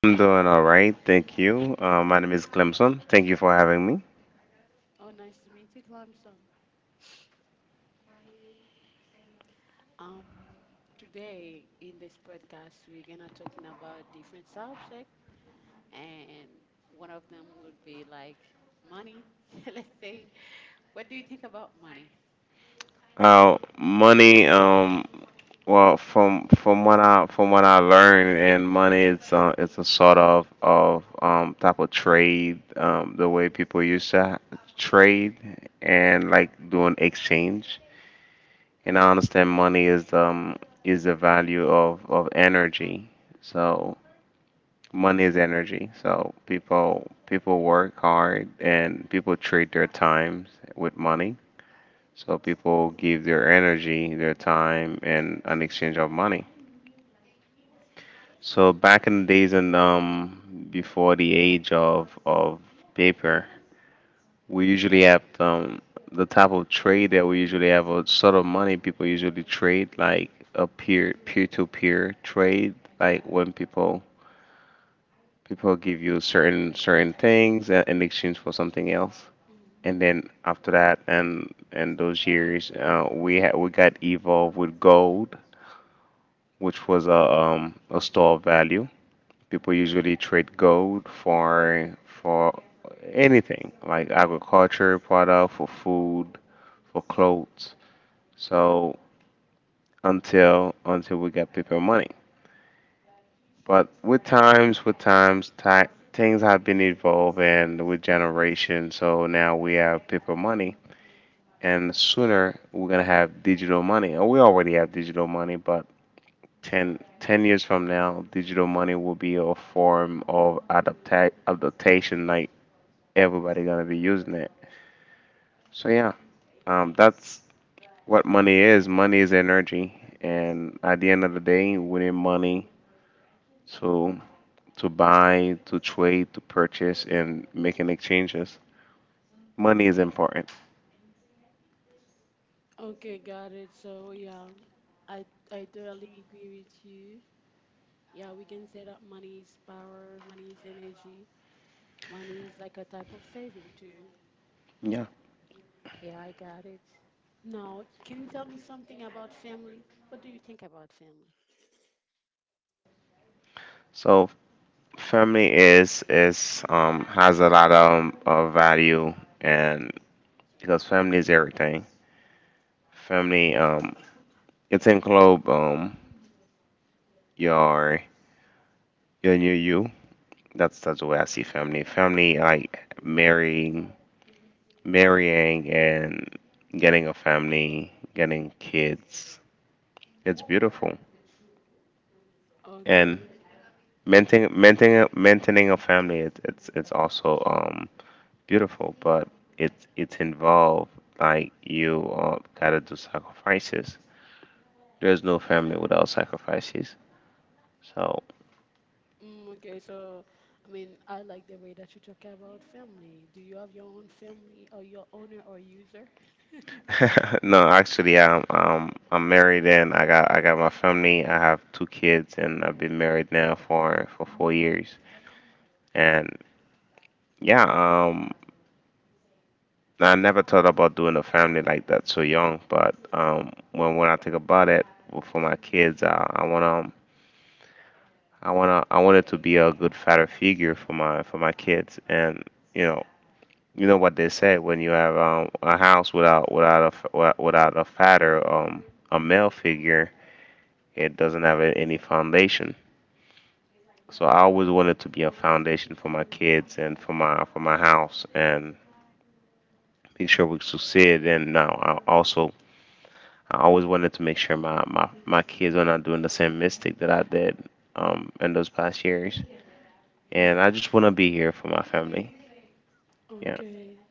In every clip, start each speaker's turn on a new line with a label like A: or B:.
A: I'm doing all right, thank you. My name is Clemson. Thank you for having me.
B: Oh, nice to meet you, Clemson. Um, Today in this podcast, we're gonna talking about different subject, and one of them would be like money. Let's say, what do you think about money?
A: Money. Well, from what I from what I learned, and money it's a sort of type of trade. The way people used to trade and like doing exchange. And I understand money is the value of energy. So money is energy. So people work hard and people trade their times with money. So people give their energy, their time, and an exchange of money. So back in the days, and before the age of paper, we usually have the type of trade that we usually have a sort of money. People usually trade like a peer to peer trade, like when people give you certain things in exchange for something else. And then after that, and those years, we got evolved with gold, which was a store of value. People usually trade gold for anything, like agriculture product, for food, for clothes. So until we got paper money. But with times, ti things have been evolving with generations. So now we have paper money, and sooner we're gonna have digital money. And we already have digital money, but ten years from now, digital money will be a form of adaptation. Like everybody gonna be using it. So yeah, that's what money is. Money is energy, and at the end of the day, we need money to to buy, to trade, to purchase, and making exchanges. Money is important.
B: Okay, got it. So yeah, I I totally agree with you. Yeah, we can say that money is power, money is energy, money is like a type of saving too.
A: Yeah.
B: Yeah, I got it. Now, can you tell me something about family? What do you think about family?
A: So family is has a lot of of value, and because family is everything. Family, it's include, your new you. That's the way I see family. Family like marrying, and getting a family, getting kids. It's beautiful. And
B: Okay,
A: maintaining a family it's also beautiful, but it's involved. Like you gotta do sacrifices. There's no family without sacrifices. So
B: mm, okay. So, I mean, I like the way that you talk about family. Do you have your own family, or your owner or user?
A: no, actually I'm married, and I got my family. I have two kids, and I've been married now for 4 years. And yeah, I never thought about doing a family like that so young, but when I think about it, well, for my kids, I wanted to be a good father figure for my kids. And you know you know what they say. When you have a house without without a father, a male figure, it doesn't have any foundation. So I always wanted to be a foundation for my kids and for my house and make sure we succeed. And now I always wanted to make sure my kids are not doing the same mistake that I did, in those past years. And I just want to be here for my family. Yeah.
B: Okay,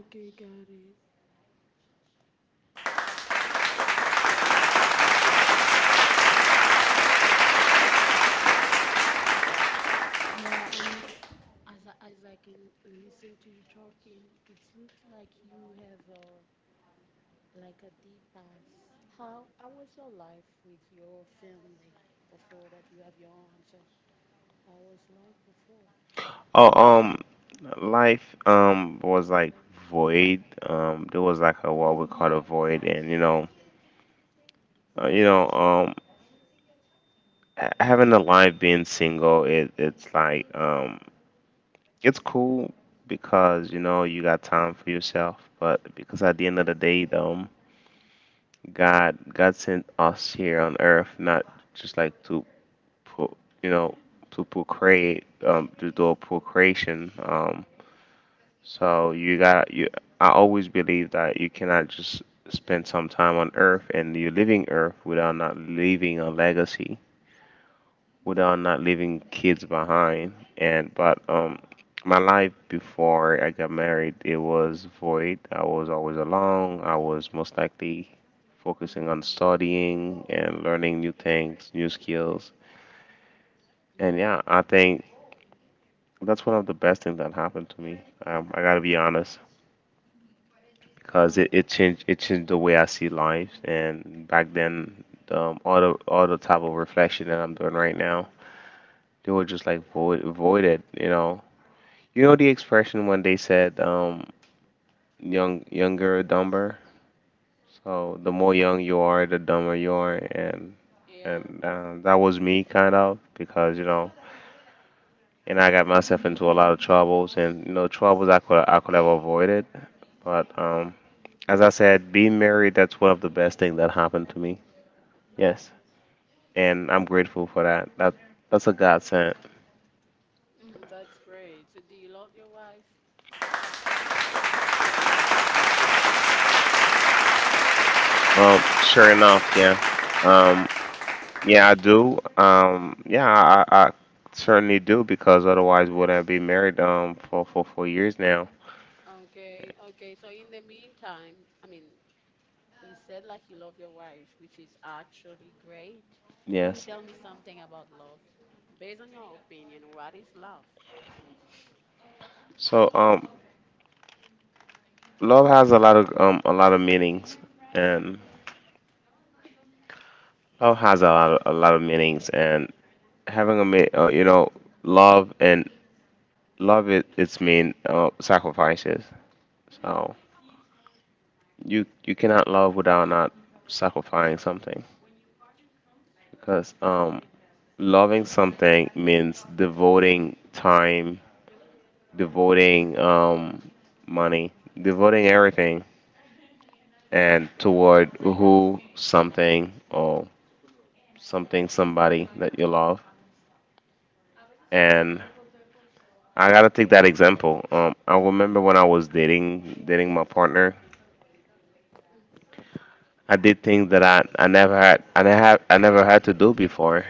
B: okay, got it. Yeah, I mean, as I can listen to you talking, it's looks like you have a like a deep past. How was your life with your family before that you have your own? So how was life before?
A: Oh, life was like void. There was like a, what we call a void, and you know, having a life being single, it's like, it's cool because you know you got time for yourself. But because at the end of the day, God sent us here on earth, not just like to pro, you know, to procreate, to do procreation. So you got you I always believe that you cannot just spend some time on earth and you're living earth without not leaving a legacy, without not leaving kids behind. And but my life before I got married, it was void. I was always alone. I was most likely
B: hmm
A: focusing on
B: hmm
A: studying and learning new things, new skills. And yeah, I think that's one of the best things that happened to me. I gotta be honest, because it,
B: Oh,
A: it changed it changed the way I see life. And back then, all the type of reflection that I'm doing right now, they were just like void, voided, you know. You know the expression when they said, younger dumber. So the more young you are, the dumber you are. and
B: yeah.
A: and um, that was me, kind of, because you know, and I got myself into a lot of troubles, and you know, troubles I could have avoided. But as I said, being married, that's one of the best things that happened to me. Yes, and I'm grateful for that. That's a godsend.
B: Mm, that's great. So, do you love your wife?
A: Sure enough, yeah. Um. Yeah, I do. Yeah, I certainly do, because otherwise would I be married for 4 years now?
B: Okay, okay. So, in the meantime, I mean, you said like you love your wife, which is actually great. Can you
A: Yes.
B: tell me something about love? Based on your opinion, what is love?
A: So love has a lot of a lot of meanings. And love has a lot of meanings, and having a you know, love. And love, it's mean, sacrifices. So you cannot love without not sacrificing something, because loving something means devoting time, devoting money, devoting everything, and toward who, something, or something, somebody that you love. And I gotta take that example. I remember when I was dating my partner, I did things that I never had to do before,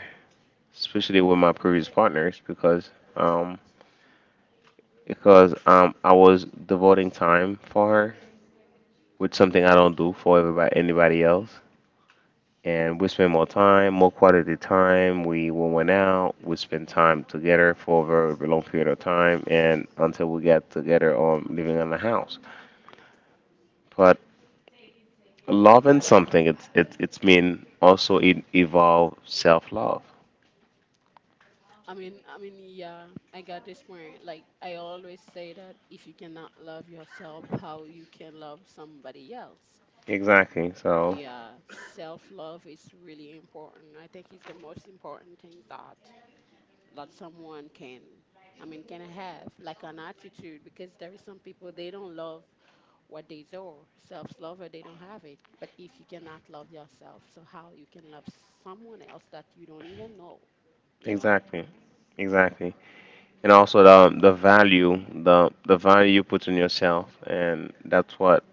A: especially with my previous partners, because um, I was devoting time for her, with something I don't do for everybody anybody else. And we spend more time, more quality time. We when went out, we spend time together for a very, very long period of time, and until we get together or living in the house. But loving something, it's mean, also it evolve self love.
B: Yeah, I got this point. Like I always say that if you cannot love yourself, how you can love somebody else?
A: Exactly. So
B: Yeah, self love is really important. I think it's the most important thing that that someone can, I mean, can have like an attitude because there is some people they don't love what they do. Self love or they don't have it. But if you cannot love yourself, so how you can love someone else that you don't even know, you know?
A: exactly, exactly. And also the value, the value you put in yourself, and that's what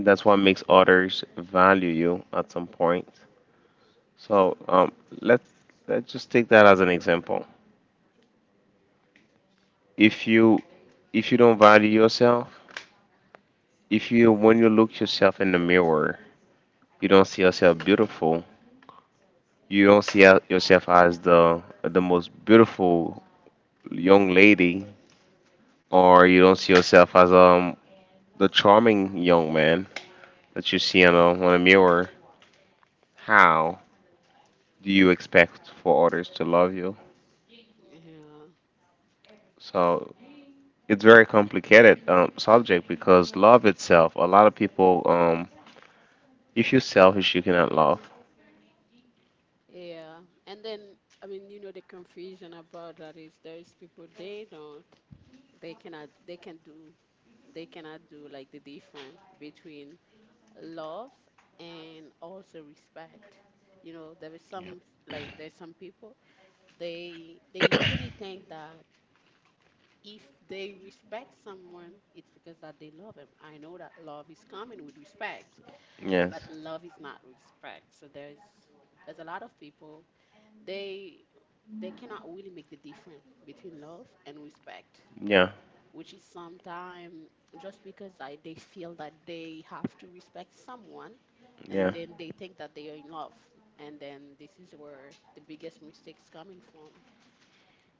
A: that's what makes others value you at some point. So let's let's just take that as an example. If you if you don't value yourself, if you when you look yourself in the mirror, you don't see yourself beautiful. You don't see yourself as the most beautiful young lady, or you don't see yourself as the charming young man that you see on a mirror. How do you expect for others to love you?
B: Yeah.
A: So it's very complicated, subject, because love itself. A lot of people, if you're selfish, you cannot love.
B: Yeah. And then I mean, you know, the confusion about that is there's people they cannot they cannot do like the difference between love and also respect. You know, there is some, like, there's some people they usually think that if they respect someone it's because that they love him. I know that love is coming with respect,
A: Yes.
B: but love is not respect. So there's a lot
A: Yeah.
B: of people they they cannot really make the difference between love and respect, which is sometimes just because I, they feel that they have to respect someone,
A: Yeah.
B: and then they think that they are in love, and then this is where the biggest mistakes coming from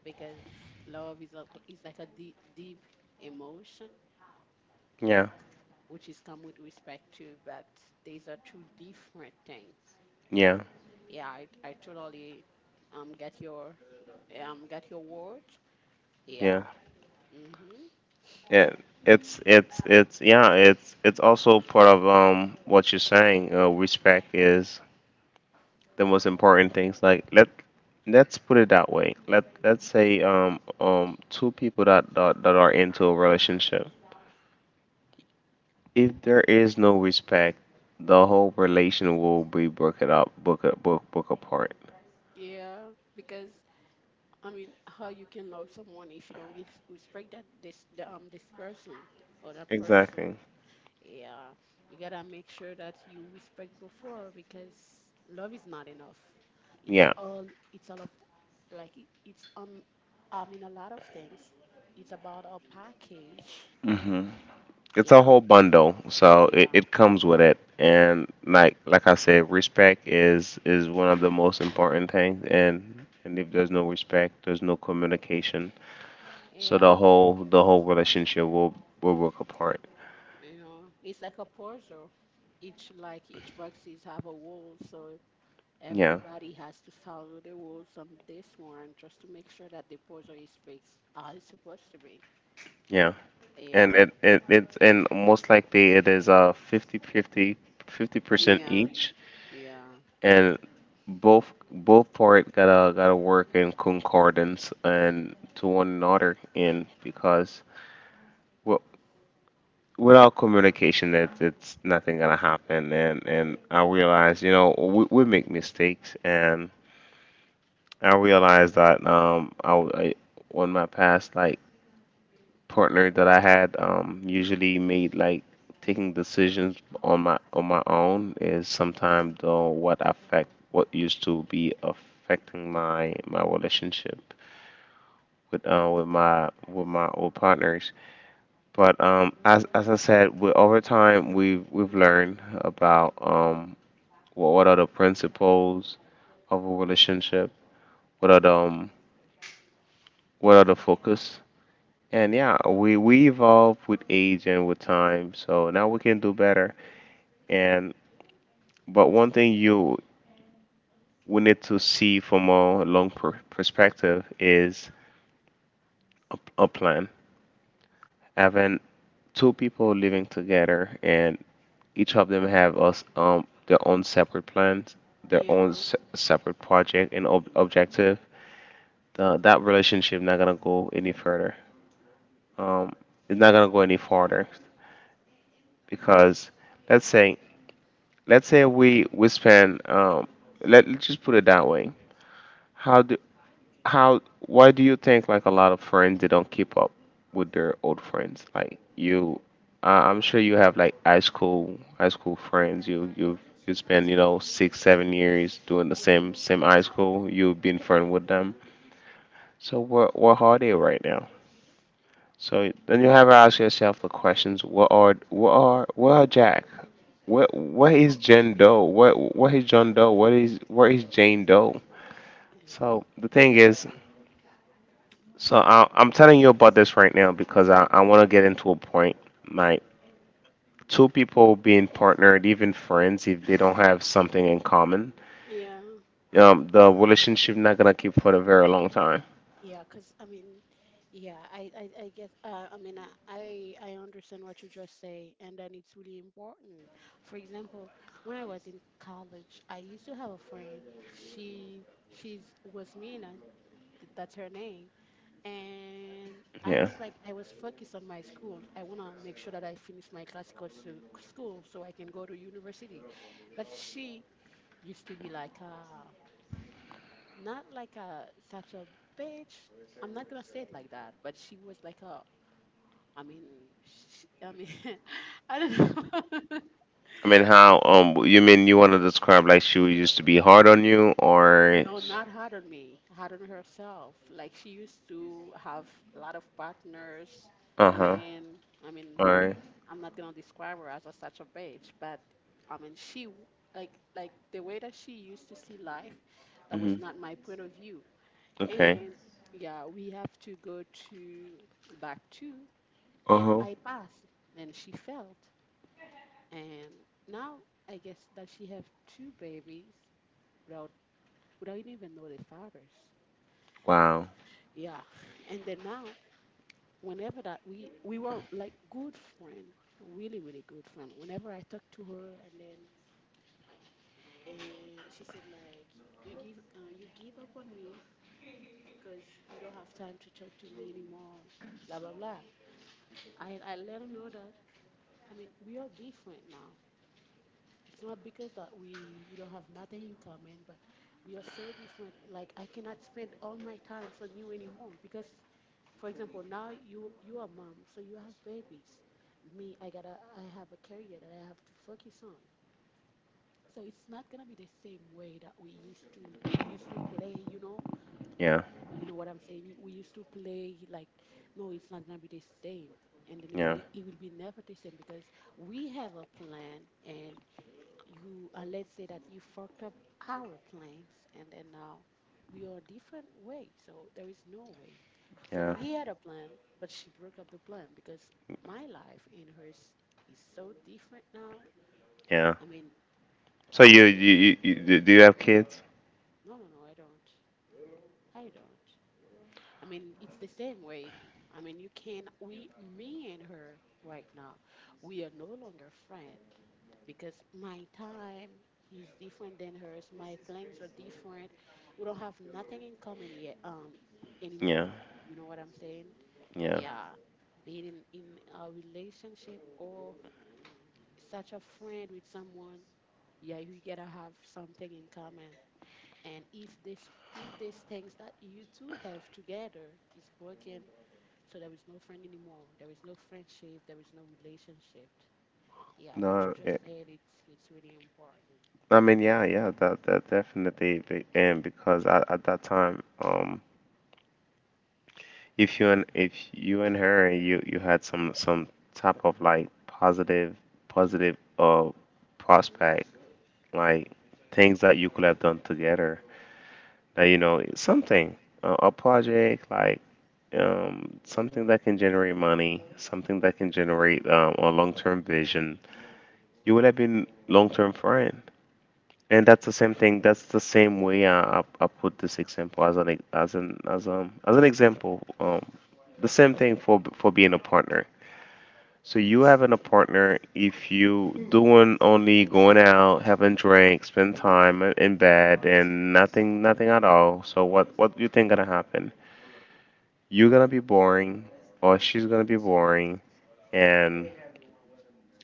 B: because love is, a, is like a deep, deep emotion
A: Yeah,
B: which is come with respect too, but these are two different things.
A: yeah,
B: Yeah, I totally um get your get your word. Yeah.
A: yeah,
B: Hmm.
A: yeah. It's yeah. It's also part of what you're saying. Respect is the most important things. Like let's put it that way. Let's say two people that are into a relationship. If there is no respect, the whole relation will be broken up, book apart.
B: Yeah, because I mean, how you can love someone if you don't res- respect that this the, this person or that person.
A: Exactly.
B: Yeah, you gotta make sure that you respect before because love is not enough. It's
A: Yeah.
B: all it's all of like it's on. I mean, a lot of things. It's about a package.
A: hmm it's
B: Yeah,
A: a whole bundle, so it,
B: yeah,
A: it comes with it. And like I said, respect is one of the most important things. And if there's no respect, there's no communication. So the
B: yeah.
A: whole the whole relationship will work apart.
B: You know, it's like a puzzle. Each like each boxes have a wall, so
A: Yeah.
B: everybody has to follow the rules on this one just to make sure that the puzzle is fixed as it's supposed to be.
A: Yeah,
B: Yeah.
A: and it and most likely it is a fifty percent
B: Yeah.
A: each.
B: Yeah.
A: And both part gotta work in concordance and to one another. And because, well, without communication, it's nothing gonna happen. And I realize, you know, we make mistakes. And I realize that, on my past, like, partner that I had, usually made like taking decisions on my own is sometimes though what affect what used to be affecting my relationship with my old partners. But as I said, with over time, we've learned about, what are the principles of a relationship, what are the, what are the focus. And yeah, we evolve with age and with time. So now we can do better. And but one thing you we need to see from a long perspective is a plan. Having two people living together and each of them have us, their own separate plans, their own
B: Yeah.
A: separate project and objective. That relationship not gonna go any further. Um, it's not gonna go any farther because let's say let's say we spend let's just put it that way. How do how Why do you think like a lot of friends they don't keep up with their old friends like you? I'm sure you have like high school friends. You spend 6, 7 years doing the
B: Mm,
A: same high school. You've been friend with them, so what are they right now? So then you have to ask yourself the questions: what are Jack? What is Jane Doe? What is John Doe? What is Where is Jane Doe?
B: yeah.
A: So the thing is, so I'm telling you about this right now because I want to get into a point. My Two people being partnered, even friends, if they don't have something in common,
B: Yeah.
A: the relationship not gonna keep for a very long time.
B: Yeah. Cause I mean, yeah, I guess, I mean, I understand what you just say, and then it's really important. For example, when I was in college, I used to have a friend. She, she's was Mila. That's her name. And I
A: Yeah.
B: was like, I was focused on my school. I want to make sure that I finish my classical su- school so I can go to university. But she used to be like, not like a such a bitch. I'm not gonna say it like that, but she was like a. I mean, she, I mean, I don't know.
A: I mean, how you mean you want to describe like she used to be hard on you, or...
B: Well, not hard on me, hard on herself. Like she used to have a lot of partners,
A: uh huh
B: men. I mean,
A: all right.
B: I'm not gonna describe her as a, such a bitch, but I mean, like like the way that she used to see life, that was not
A: Mm-hmm.
B: my point of view.
A: Okay.
B: And yeah, we have to go to back to,
A: uh
B: and
A: huh
B: I passed, and she failed, and now I guess that she have two babies without without even know the fathers.
A: wow.
B: Yeah. And then now whenever that we were like good friend, really really good friend, whenever I talk to her, and then and she said like, you give up on me because you don't have time to talk to me anymore, blah blah blah. I let her know that, I mean, we are different now. It's not because that we don't have nothing in common, but we are so different. Like I cannot spend all my times on you anymore because, for example, now you are mom, so you have babies. Me, I have a career that I have to focus on. So it's not gonna be the same way that we used to play.
A: Yeah.
B: You know what I'm saying. We used to play like, no, it's not gonna be the same. And then
A: Yeah.
B: it will be never the same because we have a plan, and you let's say that you fucked up our plans, and then now we are different way, so there is no way. So
A: Yeah.
B: we had a plan, but she broke up the plan because my life and hers is so different now.
A: Yeah.
B: I mean,
A: So you do do you have kids?
B: no no no I don't, I don't. I mean it's the same way. I mean you can we, me and her right now, we are no longer friend because my time is different than hers. My plans are different. We don't have nothing in common yet,
A: Yeah.
B: anymore. You know what I'm saying?
A: Yeah.
B: Yeah. Being in a relationship or such a friend with someone, yeah, you gotta have something in common. And if this if these things that you two have together is broken, so there is no friend anymore. There is no friendship. There is no relationship. Yeah, what
A: No.
B: you
A: Yeah.
B: just said, it's really important.
A: I mean, yeah, yeah, and because at that time, if you and her, you had some type of like positive prospect, like things that you could have done together, that something, a project like something that can generate money, something that can generate a long-term vision. You would have been long-term friend, and That's the same way I put this example as an ex- as an example. The same thing for being a partner. So you having a partner, if you doing only going out, having drinks, spend time in bed, and nothing, nothing at all. So what do you think gonna happen? You're gonna be boring, or she's gonna be boring, and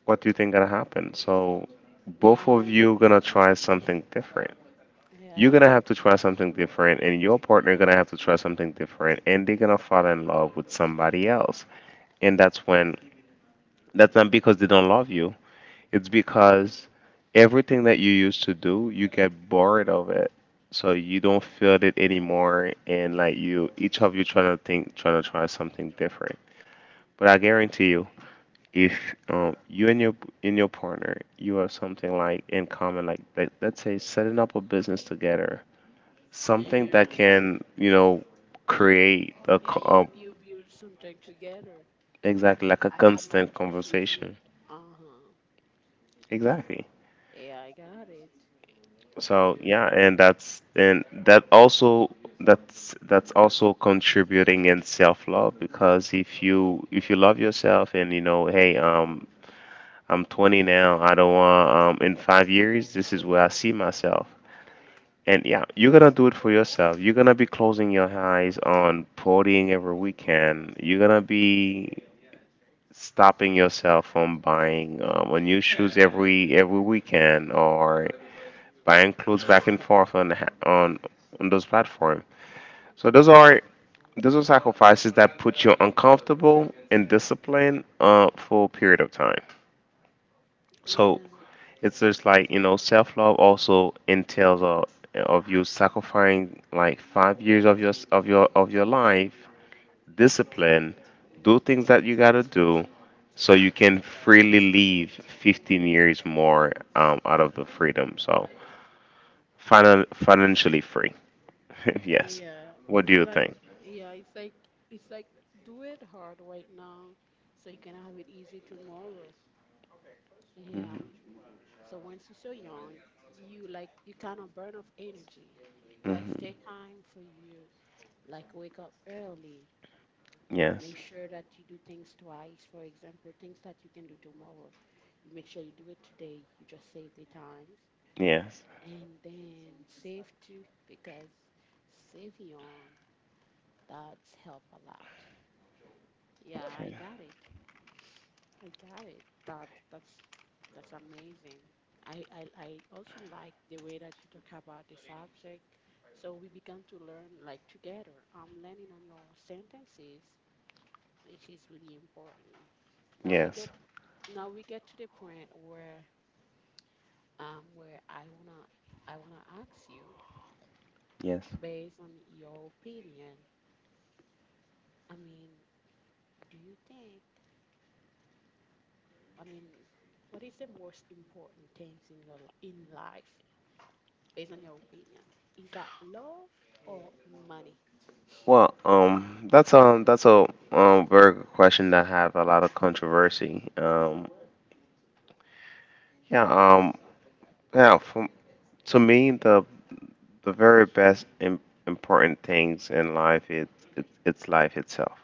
A: what do you think gonna happen? So both
B: Yeah,
A: of you gonna try something different. You're
B: yeah,
A: gonna have to try something different, and your partner gonna have to try something different, and they're gonna fall in love with somebody else. And that's not because they don't love you. It's because everything that you used to do, you get bored of it. So you don't feel it anymore, and like you each of you trying to try something different. But I guarantee you, if you and your in your partner you have something like in common, like let's say setting up a business together, something
B: yeah.
A: that can, create
B: Yeah, you you build something together.
A: exactly like a
B: I have my
A: constant
B: proof with you.
A: conversation.
B: Uh-huh.
A: Exactly.
B: Yeah, I got it.
A: So
B: Yeah,
A: yeah, and that's and that also that's also contributing in self-love, because if you love yourself and you know, hey, I'm 20 now. I don't want, in 5 years this is where I see myself. And yeah, you're gonna do it for yourself. You're gonna be closing your eyes on partying every weekend. You're gonna be stopping yourself from buying new shoes every weekend, or buying clothes back and forth on on those platforms. So those are sacrifices that put you uncomfortable and disciplined, for a period of time. So
B: yeah,
A: it's just like, self love also entails of you sacrificing like 5 years of your life, discipline, do things that you gotta do, so you can freely leave 15 years more, out of the freedom. So financially free. Yes.
B: yeah.
A: What do
B: It's
A: you
B: like
A: think?
B: yeah, it's like do it hard right now, so you can have it easy tomorrow. Yeah.
A: Hmm.
B: So once you're so young, you like you kind of burn off energy. That's their
A: Hmm.
B: time for you. Like wake up early,
A: Yes.
B: make sure that you do things twice. For example, things that you can do tomorrow, you make sure you do it today. You just save the times.
A: Yes.
B: And then save too, because save young, that's help a lot. Yeah, I
A: Okay.
B: got it. I got it. That's amazing. I also like the way that you talk about the subject. So we began to learn like together. I'm learning on your sentences, which is really important. Now we
A: Yes.
B: get Now we get to the point where I wanna ask you
A: Yes.
B: based on your opinion. I mean, do you think? I mean, what is the most important things in your li- in life based on your opinion? Is that love or money?
A: Well, that's a very good question that have a lot of controversy. Yeah. Yeah. From To me, the very best important things in life is it's life itself.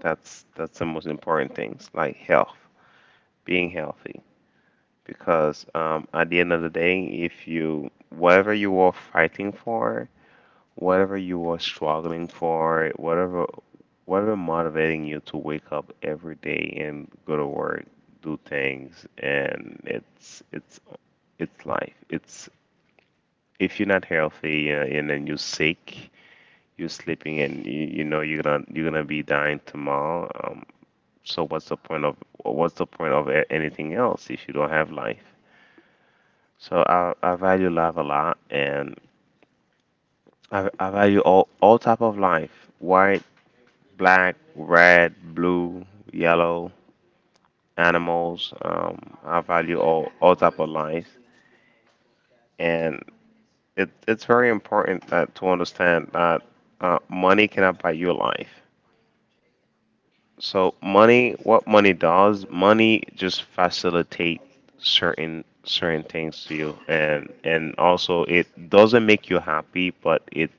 A: That's the most important things, like health, being healthy. Because at the end of the day, if you whatever you are fighting for, whatever you are struggling for, whatever motivating you to wake up every day and go to work, do things, and it's life. It's If you're not healthy, and then you're sick, you're sleeping, and you know you're gonna be dying tomorrow. So what's the point of anything else if you don't have life? So I value life a lot, and I value all type of life: white, black, red, blue, yellow, animals. I value all type of life, and it's very important that to understand that money cannot buy you life. So money, what money does, money just facilitate certain things to you, and also it doesn't make you happy, but it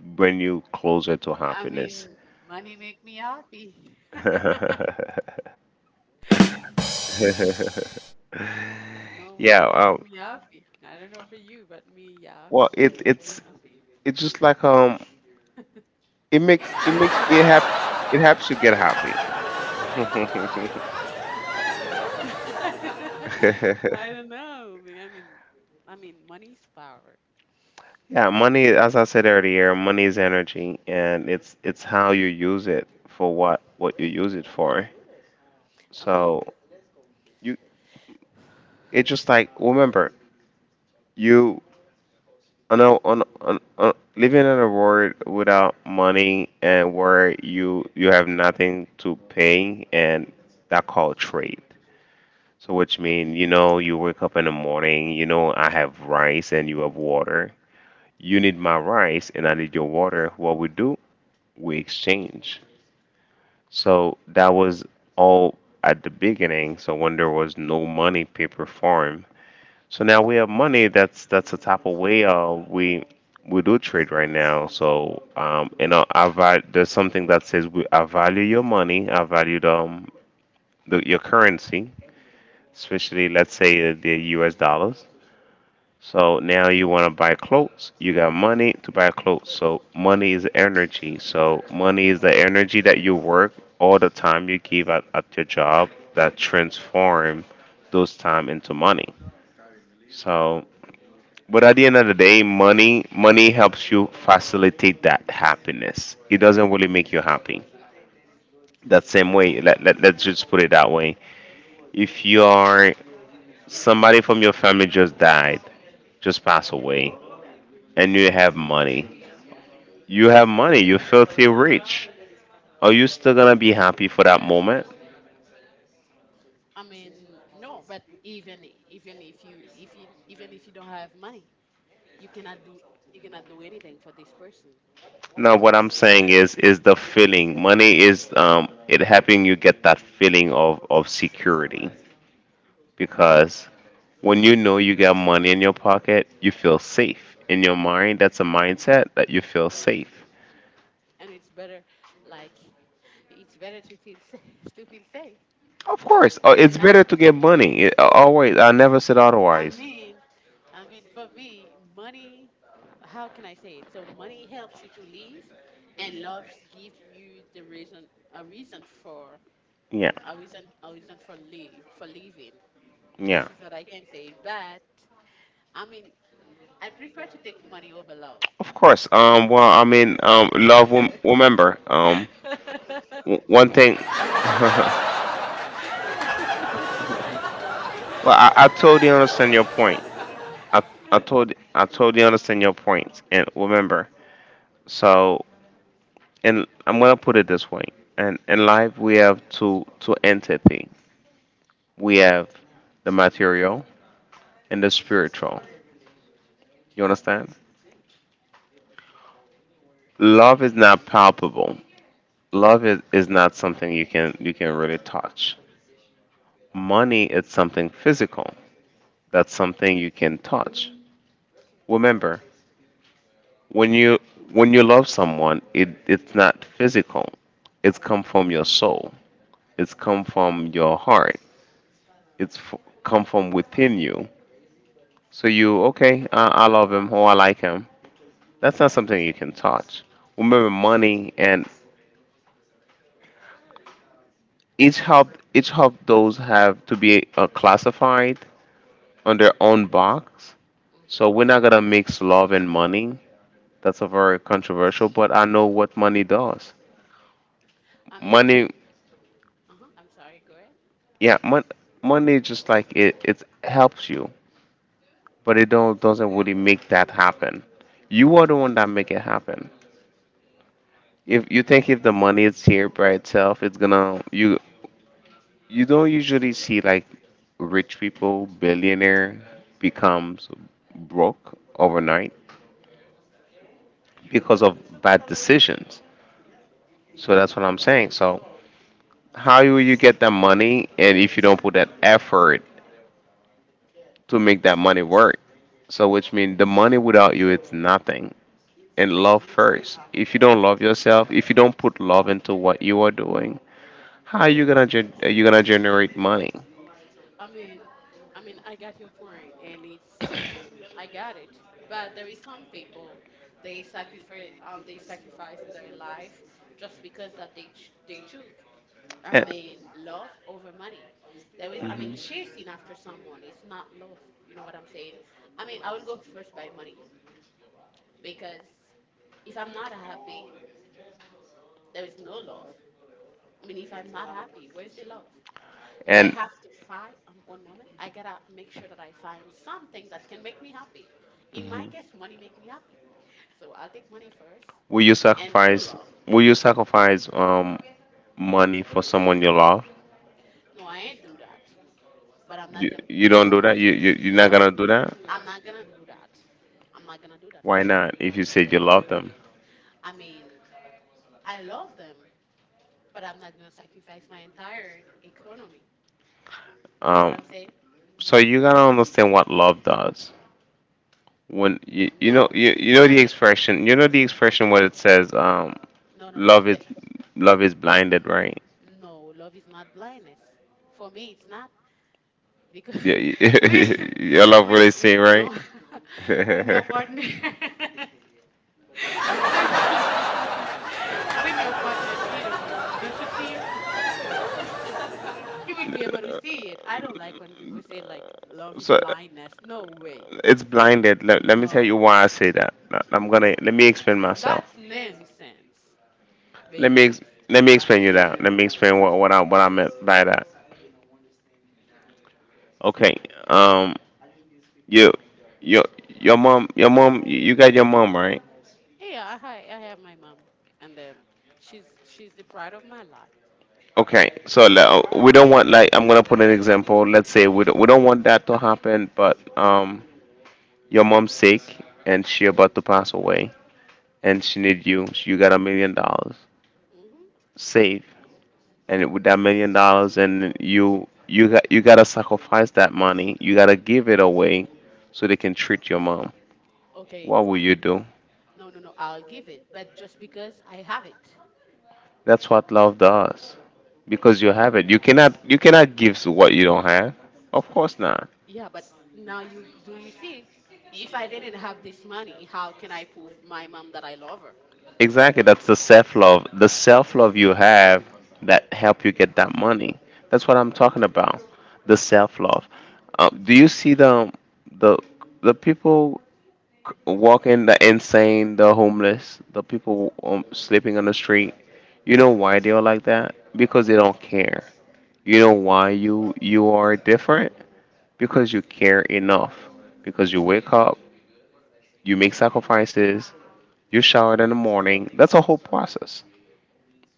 A: bring you closer to I
B: I mean,
A: happiness.
B: money make me happy.
A: Mean,
B: No,
A: yeah.
B: money make me
A: Yeah,
B: happy. I don't know for you, but me, yeah,
A: well, it
B: money make me
A: it's
B: happy.
A: it's just like. It makes it make it happy. It helps you get happy.
B: No, I mean, I don't know, man. I mean, money's power.
A: Yeah. Money, as I said earlier, money is energy, and it's how you use it for what you use it for.
B: I
A: So
B: mean,
A: you. It's just like, remember, you, I know on, living in a world without money and where you have nothing to pay, and that called trade. So which mean you know you wake up in the morning, you know I have rice and you have water. You need my rice and I need your water. What we do? We exchange. So that was all at the beginning. So when there was no money paper form, so now we have money. That's the type of way, we do trade right now. So, there's something that says, I value your money. I value the your currency, especially let's say, the U.S. dollars. So now you want to buy clothes. You got money to buy clothes. So money is energy. So money is the energy that you work all the time you give at your job that transform those time into money. So But at the end of the day, money helps you facilitate that happiness. It doesn't really make you happy. That same way, let's just put it that way. If you're somebody from your family just died, just passed away, and you have money, you have money, you filthy rich, are you still gonna be happy for that moment?
B: I mean, no, but even even if you even if you don't have money, you cannot do you cannot do anything for this person, you
A: No,
B: know.
A: what I'm saying is the feeling. Money is, it helping you get that feeling of security, because when you know you got money in your pocket, you feel safe. In your mind, that's a mindset that you feel safe.
B: And it's better, like, it's better to feel sa- to feel safe
A: Of course,
B: than
A: it's
B: not.
A: better to get money. It, always, I never said
B: I
A: otherwise.
B: mean, I mean, for me, money, how can I say it? So money helps you to live, and loves give you the reason, a reason for,
A: Yeah,
B: a reason, a reason for live, for living.
A: yeah.
B: This is what I can say. But I mean, I prefer to take money over love.
A: Of course. Well, I mean, love. Remember. One thing. Well, I totally understand your point. I I totally understand your point. And remember, so and I'm gonna put it this way. And in life, we have two entity. We have the material and the spiritual. You understand? Love is not palpable. Love is not something you can really touch. Money is something physical. That's something you can touch. Remember, when you love someone, it's not physical. It's come from your soul. It's come from your heart. It's f- come from within you. So you okay? I love him, or I like him. That's not something you can touch. Remember, money and each of those have to be, classified on their own box. So we're not
B: Hmm.
A: gonna mix love and money. That's a very controversial, but I know what money does.
B: I mean,
A: Money,
B: uh-huh, I'm sorry, go ahead.
A: yeah, money, just like it helps you, but it don't doesn't really make that happen. You are the one that make it happen. If you think if the money is here by itself, it's gonna you. You don't usually see like rich people, billionaire becomes broke overnight because of bad decisions. So that's what I'm saying. So how will you get that money, and if you don't put that effort to make that money work? So which means the money without you, it's nothing. And love first. If you don't love yourself, if you don't put love into what you are doing, how are you gonna generate money?
B: I mean, I mean, I got your point, and it's I got it. But there is some people they sacrifice their life just because that they took, I
A: Uh,
B: mean, love over money. There is I mean chasing
A: mhm.
B: after someone it's not love. You know what I'm saying? I mean I will go first by money because if I'm not happy there is no love. I mean if I'm not happy where's the love?
A: I
B: But I
A: And.
B: have to try one moment. I gotta make sure that I find something that can make me happy. In my
A: Mhm.
B: case money make me happy. So I'll take money first
A: will you
B: and your
A: sacrifice?
B: love.
A: Will you sacrifice money for someone you love?
B: No, I ain't do that. But I'm not
A: You
B: gonna.
A: you don't
B: No,
A: do that. You're not
B: no,
A: gonna do that.
B: I'm not gonna do that. I'm not gonna do that for
A: Why
B: sure.
A: not? If you said you love them.
B: I mean, I love them, but I'm not gonna sacrifice my entire economy. You know what
A: Um,
B: I'm saying?
A: so you gotta understand what love does. When you,
B: No,
A: you know
B: there
A: the
B: is,
A: expression you know the expression what it says,
B: no, no, no,
A: love is
B: the-
A: love is blinded, right?
B: no. Love is not blindness. For me, it's not because
A: Yeah, your love really seen, right?
B: when your partner when, when your partner cheat on you, don't you see you will be able to see it. I don't like when people say like love is
A: So
B: blindness. No way.
A: it's blinded. Let me. No. Tell you
B: No,
A: why I say that. I'm gonna
B: no,
A: Let me explain
B: that's
A: myself.
B: nonsense.
A: Let
B: Being
A: me ex-
B: honest.
A: Let me explain you that. Let me explain
B: Mm.
A: what I meant by that. Okay. Um. You, your your mom your mom, you got your mom, right?
B: Yeah, I have my mom, and then she's the pride of my life.
A: Okay. So we don't want, like, I'm gonna put an example. Let's say we don't want that to happen, but your mom's sick and she about to pass away and she need you. You got $1 million
B: Hmm.
A: saved, and with that $1 million, and you got you gotta sacrifice that money. You gotta give it away so they can treat your mom.
B: Okay,
A: What will you do?
B: no, no, no, I'll give it, but just because I have it.
A: That's what love does. Because you have it. You cannot give what you don't have. Of course not.
B: Yeah, but now you do you see? If I didn't have this money, how can I prove my mom that I love her?
A: Exactly. That's the self love. The self love you have, that help you get that money. That's what I'm talking about. The self love. Do you see the the people c- walking, the insane, the homeless, the people sleeping on the street? You know why they are like that? Because they don't care. You know why you are different? Because you care enough. Because you wake up, you make sacrifices, you shower in the morning. That's a whole process.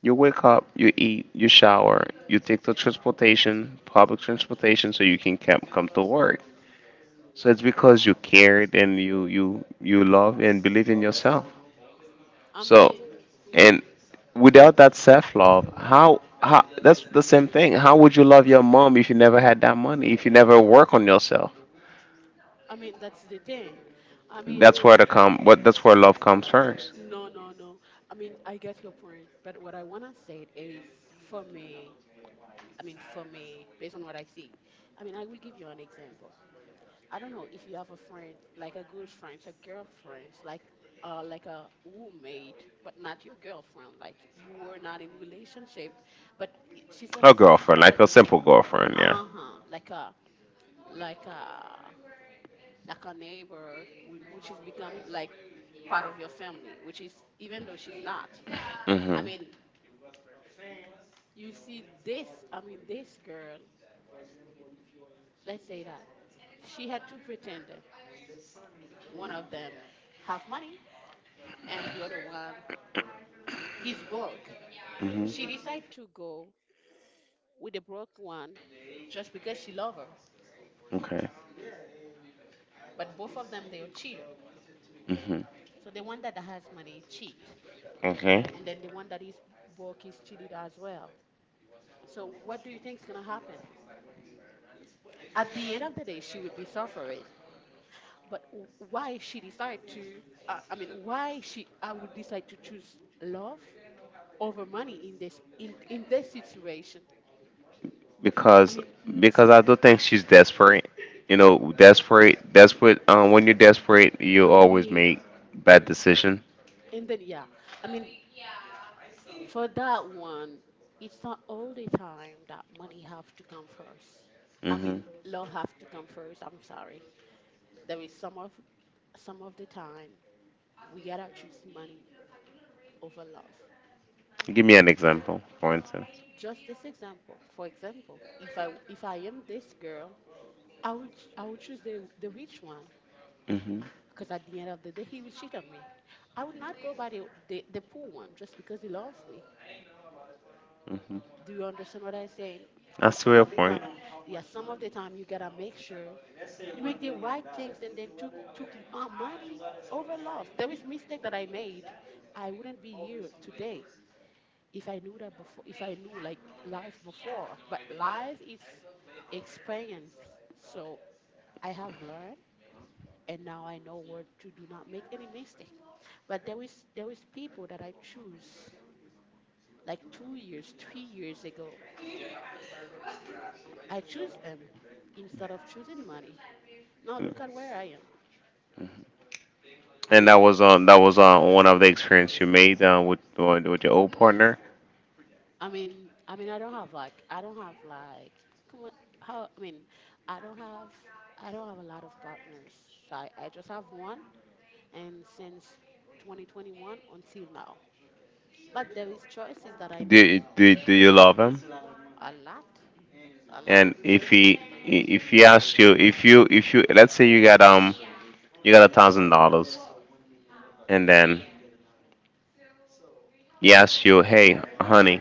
A: You wake up, you eat, you shower, you take the transportation, public transportation, so you can come to work. So it's because you cared and you love and believe in yourself.
B: I
A: So
B: mean, mhm.
A: and without that self love, how that's the same thing. How would you love your mom if you never had that money? If you never work on yourself?
B: I mean that's the thing. I mean,
A: That's where the com. What? That's where love comes first.
B: No, no, no. I mean, I get your point, but what I wanna say is for me, I mean, for me, based on what I see, I mean, I will give you an example. I don't know if you have a friend, like a good friend, a girlfriend, like a roommate, but not your girlfriend. Like you were not in relationship, but she's a
A: A girlfriend,
B: sister
A: like
B: that,
A: a simple girlfriend, yeah.
B: uh-huh, like a like a neighbor, which has become like part of your family, which is even though she's not. I
A: Mhm.
B: mean, You see, this girl, let's say that she had two pretenders. One of them half money, and the other one, he's broke.
A: Mhm.
B: She decided to go with the broke one just because she love her.
A: Okay.
B: But both of them, they are cheater.
A: Mhm.
B: So the one that has money cheat,
A: Okay.
B: and then the one that is broke is cheated as well. So what do you think is gonna happen? At the end of the day, she will be suffering. But why she decide to? Why she? I would decide to choose love over money in this situation. I
A: because
B: mean, n-
A: because I do think she's desperate. You know, desperate, desperate. When you're desperate, you
B: I
A: always
B: mean,
A: make bad decision.
B: and then yeah, I mean for that one, it's not all the time that money have to come first. I
A: Hmm.
B: mean, love have to come first. I'm sorry. There is some of the time we gotta choose money over love.
A: Give me an example, for instance.
B: Just this example. For example, if I am this girl, I will choose the rich one
A: Hmm.
B: because at the end of the day he will cheat on me. I will not go by the poor one just because he loves me. Do you understand what I'm saying? So
A: That's to
B: some
A: your
B: of the time,
A: point.
B: yeah, some of the time you gotta make sure you make the right things, and then money over love. There is mistake that I made. I wouldn't be here today if I knew that before, if I knew like life before, but life is experience. So I have learned and now I know where to do not make any mistake. But there is people that I choose like 2 years, 3 years ago. I choose them instead of choosing money. Now look at where I am. I
A: And that
B: mean,
A: was on that was on one of the experience you made with your old partner.
B: I don't have like, I don't have like, come on, how? I mean, I don't have, I don't have a lot of partners. So I just have one, and since 2021 until now. But there is choices that I made
A: Do you love him?
B: a lot, a
A: And
B: lot.
A: if he asks you if you let's say you got $1,000 and then. Yes, you. Hey, honey,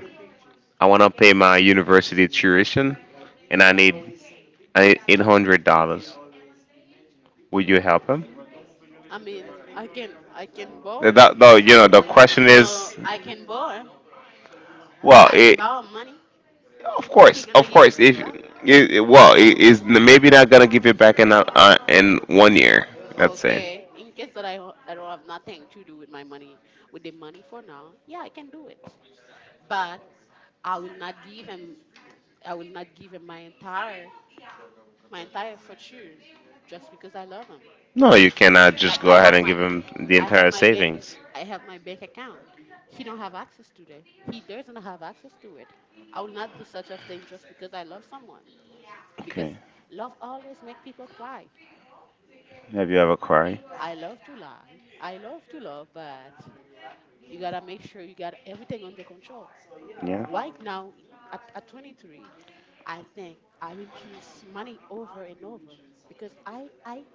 A: I wanna pay my university tuition, and I need $800. Would you help him?
B: I mean, I can borrow.
A: That, no, you know the question
B: No,
A: is.
B: I can borrow.
A: Well,
B: I can
A: it,
B: borrow money.
A: of
B: He
A: course,
B: gonna
A: of
B: give it
A: course.
B: to me
A: If
B: back.
A: well, it is maybe not gonna give it back in a, in 1 year. Let's
B: Okay.
A: say.
B: In case that I don't have nothing to do with my money, with the money for now, yeah, I can do it. But I will not give him. I will not give him my entire fortune just because I love him.
A: No, you cannot just
B: Like
A: go
B: I
A: ahead
B: have
A: and
B: my,
A: give him the
B: I have
A: entire
B: my bank
A: savings.
B: I have my bank account. He don't have access to that. He doesn't have access to it. I will not do such a thing just because I love someone. Because
A: Okay.
B: love always make people cry.
A: Have you ever cried?
B: I love to lie. I love to love, but you gotta make sure you got everything under control.
A: Yeah.
B: Right now, at 23, I think I will choose money over and over because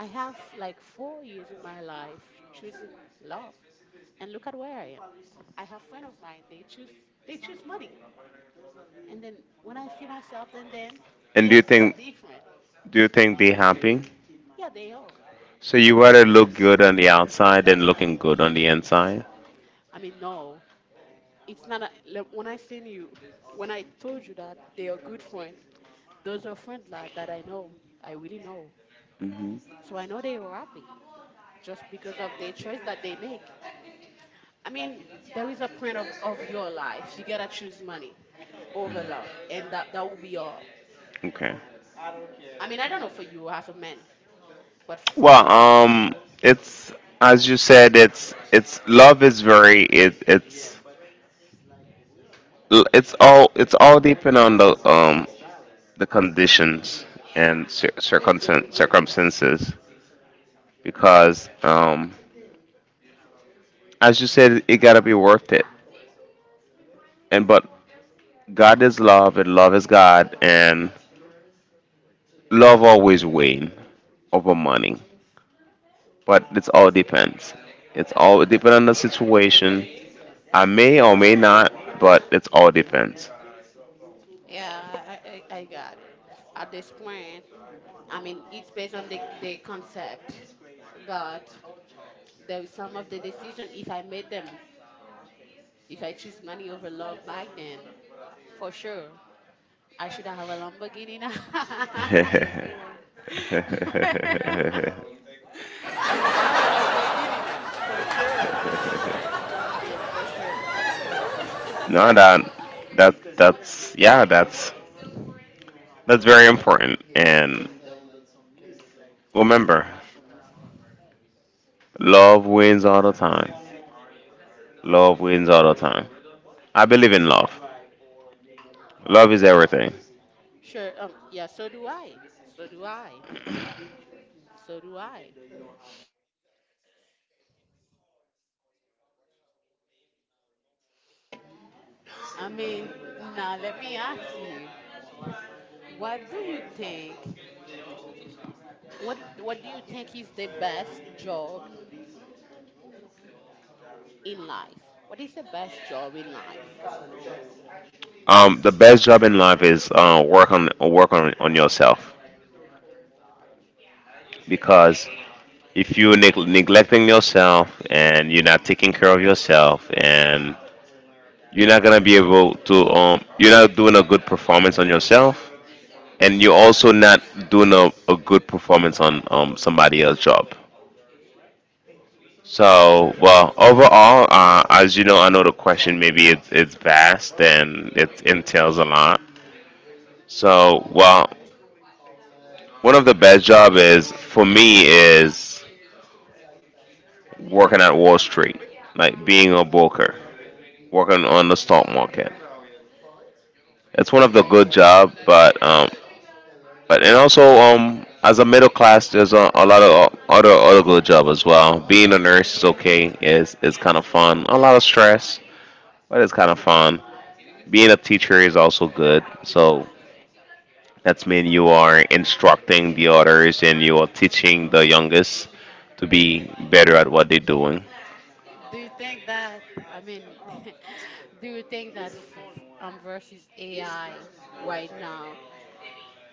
B: I have like 4 years in my life choosing love, and look at where I am. I have friends of mine. They choose, they choose money, and then when I see myself and them,
A: And
B: we
A: do
B: are
A: you think
B: so different.
A: do you think they happy?
B: Yeah, they are.
A: So you gotta look good on the outside and looking good on the inside.
B: I mean, no, it's not a, like, when I seen you, when I told you that they are good friend, those are friends that I know, I really know.
A: Hmm.
B: So I know they are happy just because of the choice that they make. I mean, there is a point of your life. You gotta choose money over love, and that will be all.
A: Okay.
B: I mean, I don't know for you as a man, but for
A: Well,
B: me,
A: it's as you said, it's love is very it it's all depend on the conditions and circumstances because as you said it gotta be worth it and but God is love and love is God, and love always win over money, but it's all depends. It's all depend on the situation. I may or may not, but it's all depends.
B: yeah, I got it. At this point, I mean, it's based on the concept, but there is some of the decision if I made them. If I choose money over love back then, for sure, I should have a Lamborghini now. I should have a Lamborghini now, for sure.
A: Sure.
B: Yeah, for sure.
A: No,
B: But
A: that's that's very important. And remember, love wins all the time. Love wins all the time. I believe in love. Love is everything.
B: sure, yeah, so do I. So do I. So do I. I mean, now let me ask you, what do you think? What do you think is the best job in life? What is the best job in life?
A: The best job in life is work on on yourself because if you neglecting yourself and you're not taking care of yourself and you're not gonna be able to you're not doing a good performance on yourself, and you're also not doing a good performance on somebody else's job. So well overall, as you know, I know the question maybe it's vast and it entails a lot. So well, one of the best job is, for me, is working at Wall Street, like being a broker, working on the stock market. It's one of the good job, but and also as a middle class, there's a lot of other good job as well. Being a nurse is okay. Is kind of fun. A lot of stress, but it's kind of fun. Being a teacher is also good. So that's mean you are instructing the others and you are teaching the youngest to be better at what they're doing.
B: Do you think that, I mean, do you think that versus AI right now,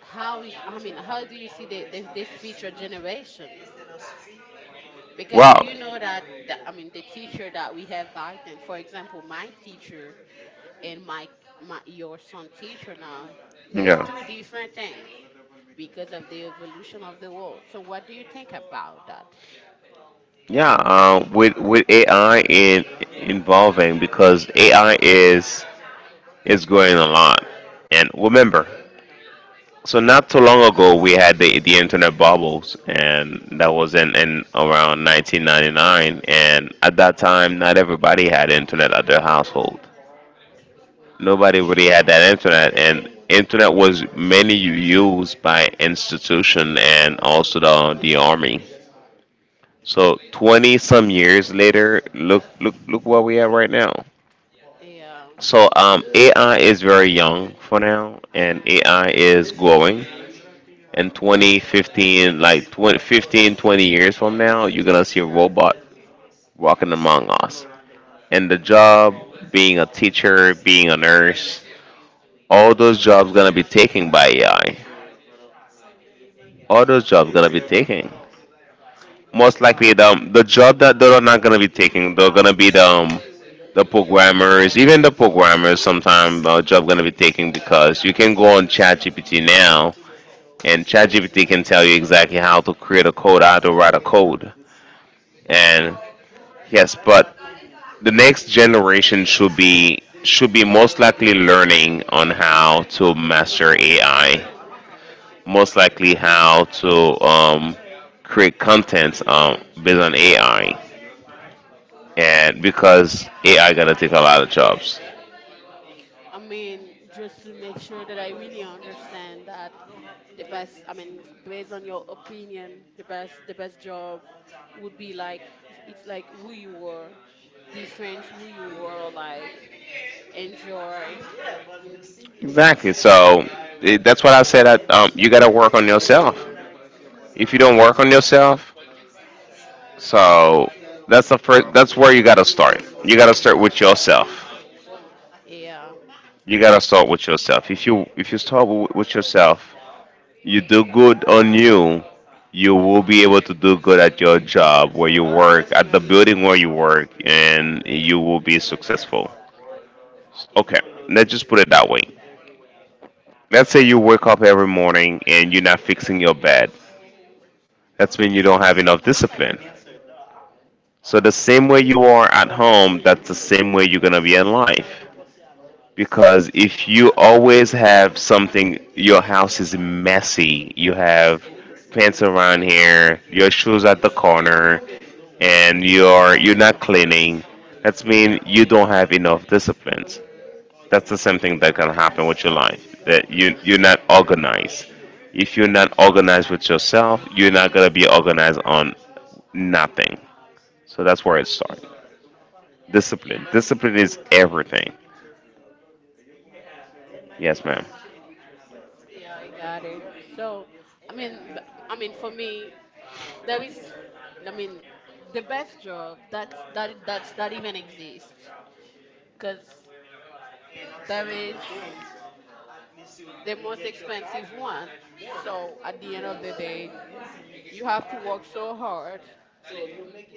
B: how, I mean, how do you see the this future generation? Because do you know that, I mean, the teacher that we have back then, for example, my teacher and my your son teacher now, there's two different things because of the evolution of the world. So what do you think about that?
A: Yeah, with AI in involving because AI is growing a lot, and remember so not so long ago, we had the internet bubbles, and that was in around 1999. And at that time, not everybody had internet at their household. Nobody really had that internet, and internet was mainly used by institution and also the army. So 20 some years later, look where we are right now.
B: Yeah.
A: So AI is very young for now, and AI is growing. In 2015, like 20, 15, 20 years from now, you're going to see a robot walking among us. And the job, being a teacher, being a nurse, all those jobs going to be taken by AI. All those jobs going to be taken. Most likely, the job that they're not going to be taking, they're going to be the programmers. Even the programmers sometimes job going to be taking because you can go on ChatGPT now, and ChatGPT can tell you exactly how to create a code, how to write a code. And yes, but the next generation should be most likely learning on how to master AI, most likely how to create content based on AI, and because AI gotta take a lot of jobs.
B: I mean, just to make sure that I really understand that the best, based on your opinion, the best job would be like it's like who you were, the friends who you were like enjoy.
A: Exactly. So it, that's what I said. That, you gotta work on yourself. If you don't work on yourself, so that's the first. That's where you gotta start. You gotta start with yourself.
B: Yeah,
A: You gotta start with yourself. If you start with yourself, you do good on you, you will be able to do good at your job where you work, at the building where you work, and you will be successful. Okay, let's just put it that way. Let's say you wake up every morning and you're not fixing your bed. That's mean you don't have enough discipline. So the same way you are at home, that's the same way you're gonna be in life. Because if you always have something, your house is messy. You have pants around here, your shoes at the corner, and you're not cleaning. That's mean you don't have enough discipline. That's the same thing that can happen with your life. That you're not organized. If you're not organized with yourself, you're not gonna be organized on nothing. So that's where it starts. Discipline. Discipline is everything. Yes, ma'am.
B: yeah I got it. So I mean for me there is, I mean, the best job that's that even exists because there is the most expensive one, so at the end of the day you have to work so hard.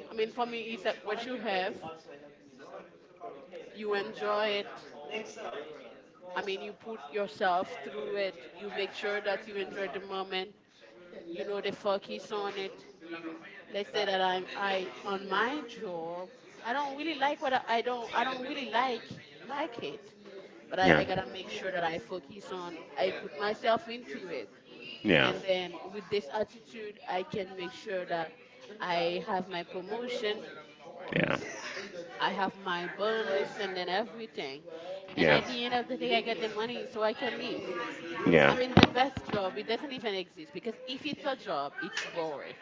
B: I mean, for me, it's like what you have, you enjoy it. I mean, you put yourself through it. You make sure that you enjoy the moment. You know the focus on it. Let's say that I on my job. I don't really like what I don't really like it, but I gotta make sure that I focus on. I put myself into it, and then with this attitude, I can make sure that I have my promotion.
A: Yeah.
B: I have my bonus and then everything, and at the end of the day I get the money so I can live. I mean the best job, it doesn't even exist because if it's a job it's boring.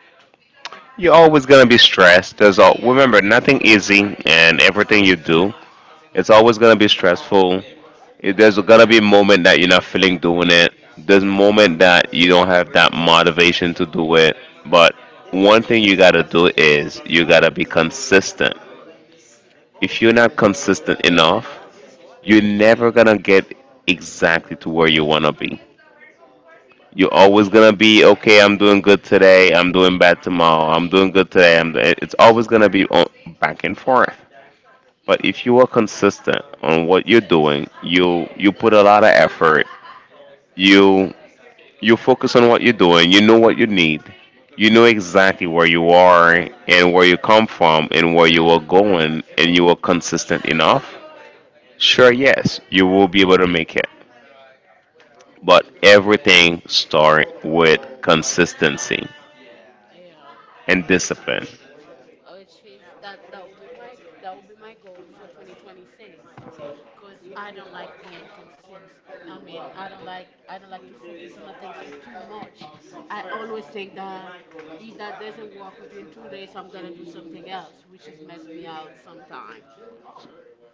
A: You're always gonna be stressed. There's all
B: Yeah,
A: remember nothing easy, and everything you do, it's always gonna be stressful. It, there's gonna be a moment that you're not feeling doing it. There's a moment that you don't have that motivation to do it. But one thing you gotta do is you gotta be consistent. If you're not consistent enough, you're never gonna get exactly to where you wanna be. You're always gonna be okay. I'm doing good today. I'm doing bad tomorrow. I'm doing good today. I'm. It's always gonna be on, back and forth. But if you are consistent on what you're doing, you put a lot of effort. You you focus on what you're doing. You know what you need. You know exactly where you are and where you come from and where you are going, and you are consistent enough. Sure, yes, you will be able to make it. But everything start with consistency.
B: yeah,
A: And discipline.
B: which is that will be my that will be my goal for 2026, because I don't like being consistent. I mean, I don't like to focus on the things for too much. I always think that if that doesn't work within 2 days I'm gonna do something else, which is mess me out sometime.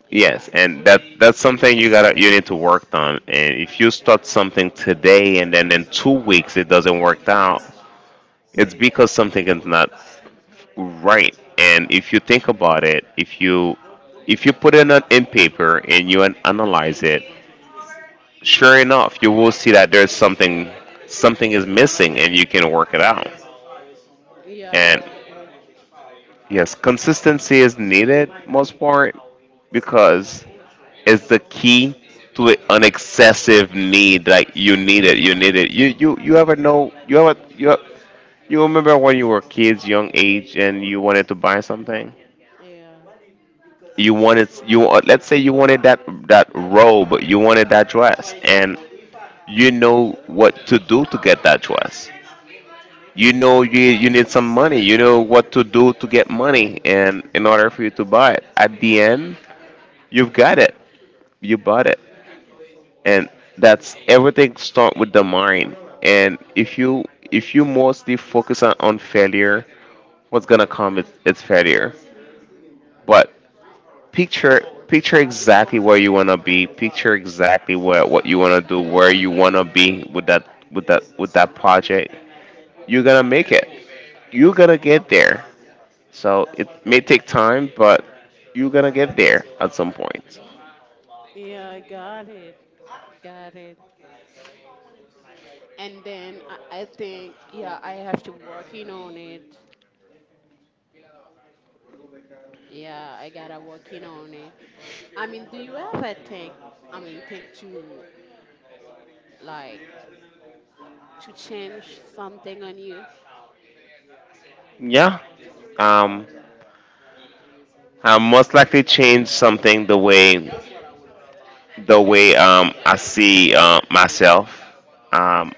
B: Yeah,
A: Yes, and that's something you gotta you need to work on. And if you start something today and then in 2 weeks it doesn't work out, it's because something is not right. And if you think about it, if you put it on in paper and you analyze it, sure enough, you will see that there's something, something is missing, and you can work it out.
B: yeah, I
A: And
B: got it.
A: yes, consistency is needed most part because is the key to an excessive need. Like you need it, you need it. You ever know? You ever you remember when you were kids, young age, and you wanted to buy something?
B: Yeah.
A: You wanted you let's say you wanted that robe, you wanted that dress, and you know what to do to get that dress. You know you need some money. You know what to do to get money, and in order for you to buy it, at the end you've got it. You bought it. And that's everything start with the mind. And if you, if you mostly focus on failure, what's gonna come is it's failure. But picture picture exactly where you want to be. Picture exactly where what you want to do, where you want to be with that, with that project. You're gonna make it. You're gonna get there. So it may take time, but you're gonna get there at some point.
B: Yeah, I got it. Got it. And then I think, yeah, I have to working on it. Yeah, I gotta working on it. I mean, do you ever think, I mean, think to like to change something on you?
A: Yeah. um I most likely change something, the way I see myself. Um,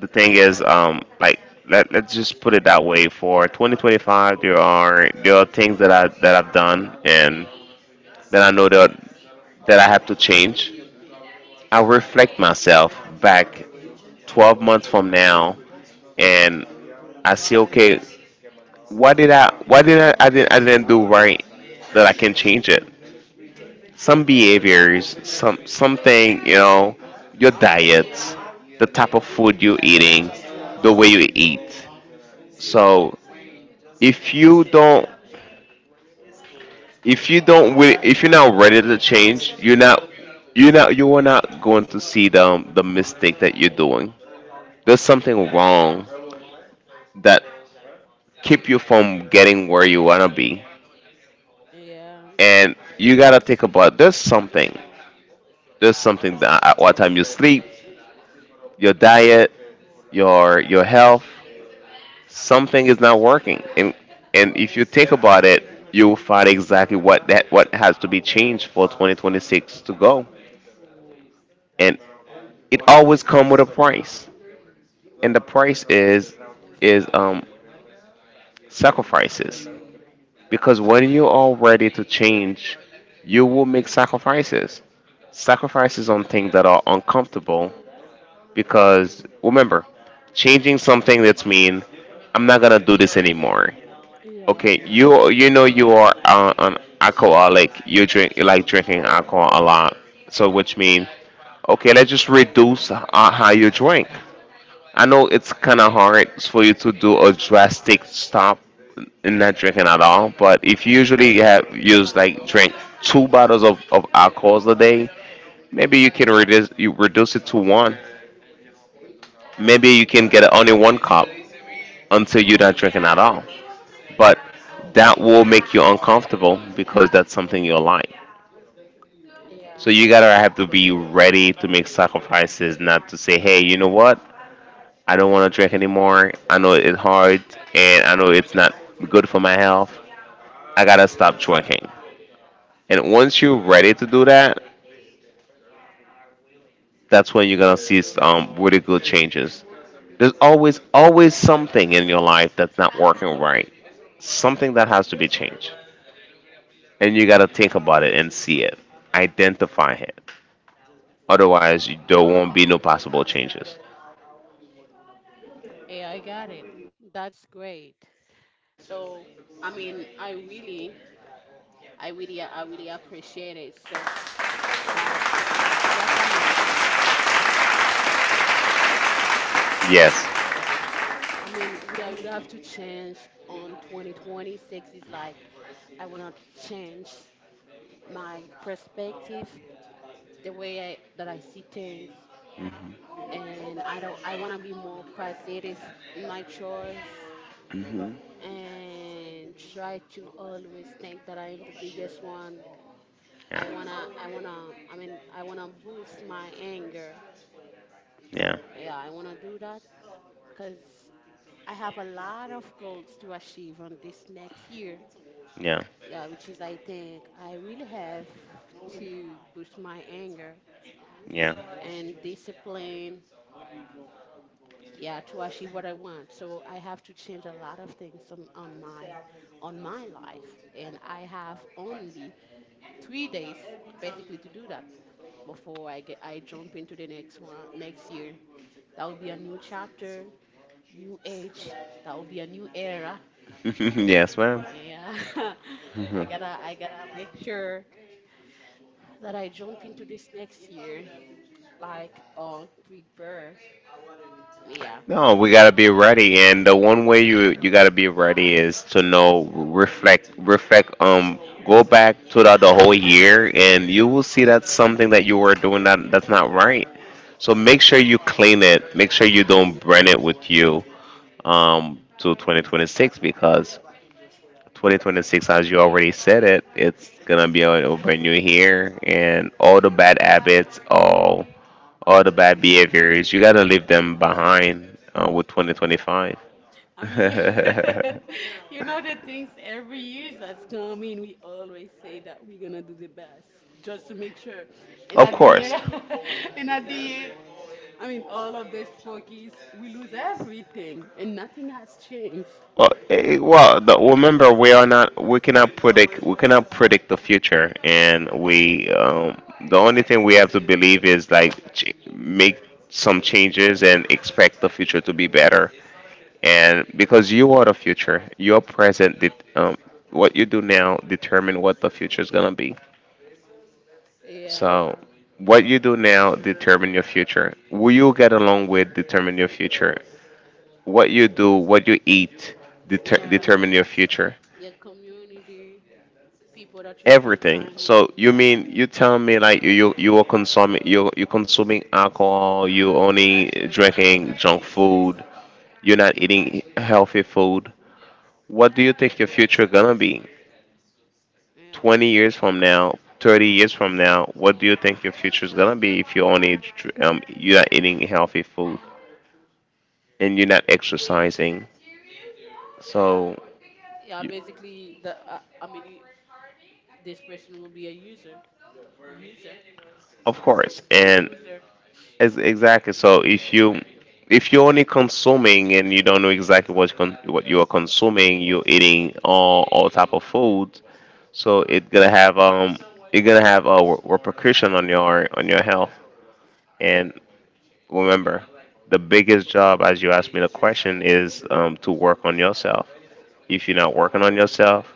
A: the thing is, like, let's just put it that way. For 2025, there are things that I've done and that I know that I have to change. I reflect myself back 12 months from now, and I see, okay, what didn't I didn't do right that I can change it. Some behaviors, some something, you know, your diet, the type of food you're eating, the way you eat. So if you don't, if you don't, if you're not ready to change, you're not, you are not going to see the mistake that you're doing. There's something wrong that keep you from getting where you wanna be,
B: Yeah.
A: and you gotta think about, there's something that at what time you sleep, your diet, your health, something is not working. And if you think about it, you will find exactly what that, what has to be changed for 2026 to go. And it always come with a price, and the price is is um sacrifices. Because when you are ready to change, you will make sacrifices, sacrifices on things that are uncomfortable. Because remember, changing something, that's mean I'm not gonna do this anymore.
B: Yeah.
A: Okay, you know you are an alcoholic. You drink, you like drinking alcohol a lot, so which means, okay, let's just reduce how you drink. I know it's kind of hard for you to do a drastic stop in not drinking at all, but if you usually have used like drink two bottles of alcohols a day, maybe
B: Mhm.
A: you can reduce, you reduce it to one. Maybe you can get only one cup until you're not drinking at all. But that will make you uncomfortable because that's something you like. So
B: Yeah.
A: you gotta have to be ready to make sacrifices, not to say, hey, you know what? I don't want to drink anymore. I know it's hard, and I know it's not good for my health. I gotta stop drinking. And once you're ready to do that, that's when you're gonna see really good changes. There's always, always something in your life that's not working right, something that has to be changed. And you gotta think about it and see it, identify it. Otherwise, you- there won't be no possible changes.
B: Yeah, I got it. That's great. So, I mean, I really appreciate it. So that's that's amazing.
A: Yes.
B: I mean, would I would have to change on 2026 is like I want to change my perspective, the way that I see things, and I don't I want to be more positive in my chores
A: Hmm.
B: and try to always think that I am the biggest one. I wanna boost my anger.
A: Yeah.
B: Yeah, I wanna do that because I have a lot of goals to achieve on this next year.
A: Yeah.
B: Yeah, which is I think I really have to boost my anger
A: Yeah. Yeah.
B: and discipline, yeah, to achieve what I want. So I have to change a lot of things on, on my life, and I have only 3 days basically to do that before I jump into the next one next year. That will be a new chapter, new age. That will be a new era.
A: Yes, ma'am.
B: Yeah, I gotta make sure that I jump into this next year, like, oh, prepare. Yeah.
A: No, we gotta be ready, and the one way you you gotta be ready is to know, reflect. Go back throughout the whole year, and you will see that's something that you were doing that that's not right. So make sure you clean it. Make sure you don't bring it with you to 2026. Because 2026, as you already said it, it's gonna be a brand new year, and all the bad habits, all the bad behaviors, you gotta leave them behind with 2025.
B: I
A: You
B: mean, you,
A: know.
B: you know, the things every year that's coming, we always say that we're going to do the best just to make sure. And
A: Of
B: at the
A: course.
B: end, and at the end, I mean, all of these focus, we lose everything and nothing has changed.
A: Well, well, well, remember, we are not, we cannot predict the future. And we the only thing we have to believe is like, make some changes and expect the future to be better. And because you are the future, your present, what you do now determine what the future is gonna be.
B: Yeah.
A: So what you do now determine your future. Will you get along with determine your future. What you do, what you eat,
B: Yeah.
A: determine your future.
B: Your community, people that you spend
A: Everything.
B: time with.
A: So you
B: Yeah.
A: mean you tell me, like, you you are consuming, you consuming alcohol, you only drinking junk food, you're not eating healthy food. What do you think your future gonna be?
B: Yeah.
A: 20 years from now, 30 years from now, what do you think your future is gonna be if you only you're not eating healthy food and you're not exercising? So
B: Yeah.
A: you,
B: Basically, the, I mean, this person will be a user. User,
A: of course, and
B: loser.
A: ex- exactly. So if you, if you're only consuming and you don't know exactly what what you are consuming, you're eating all type of food. So it's gonna have a repercussion on your, on your health.
B: Yeah.
A: And remember, the biggest job, as you asked me the question, is to work on yourself. If you're not working on yourself,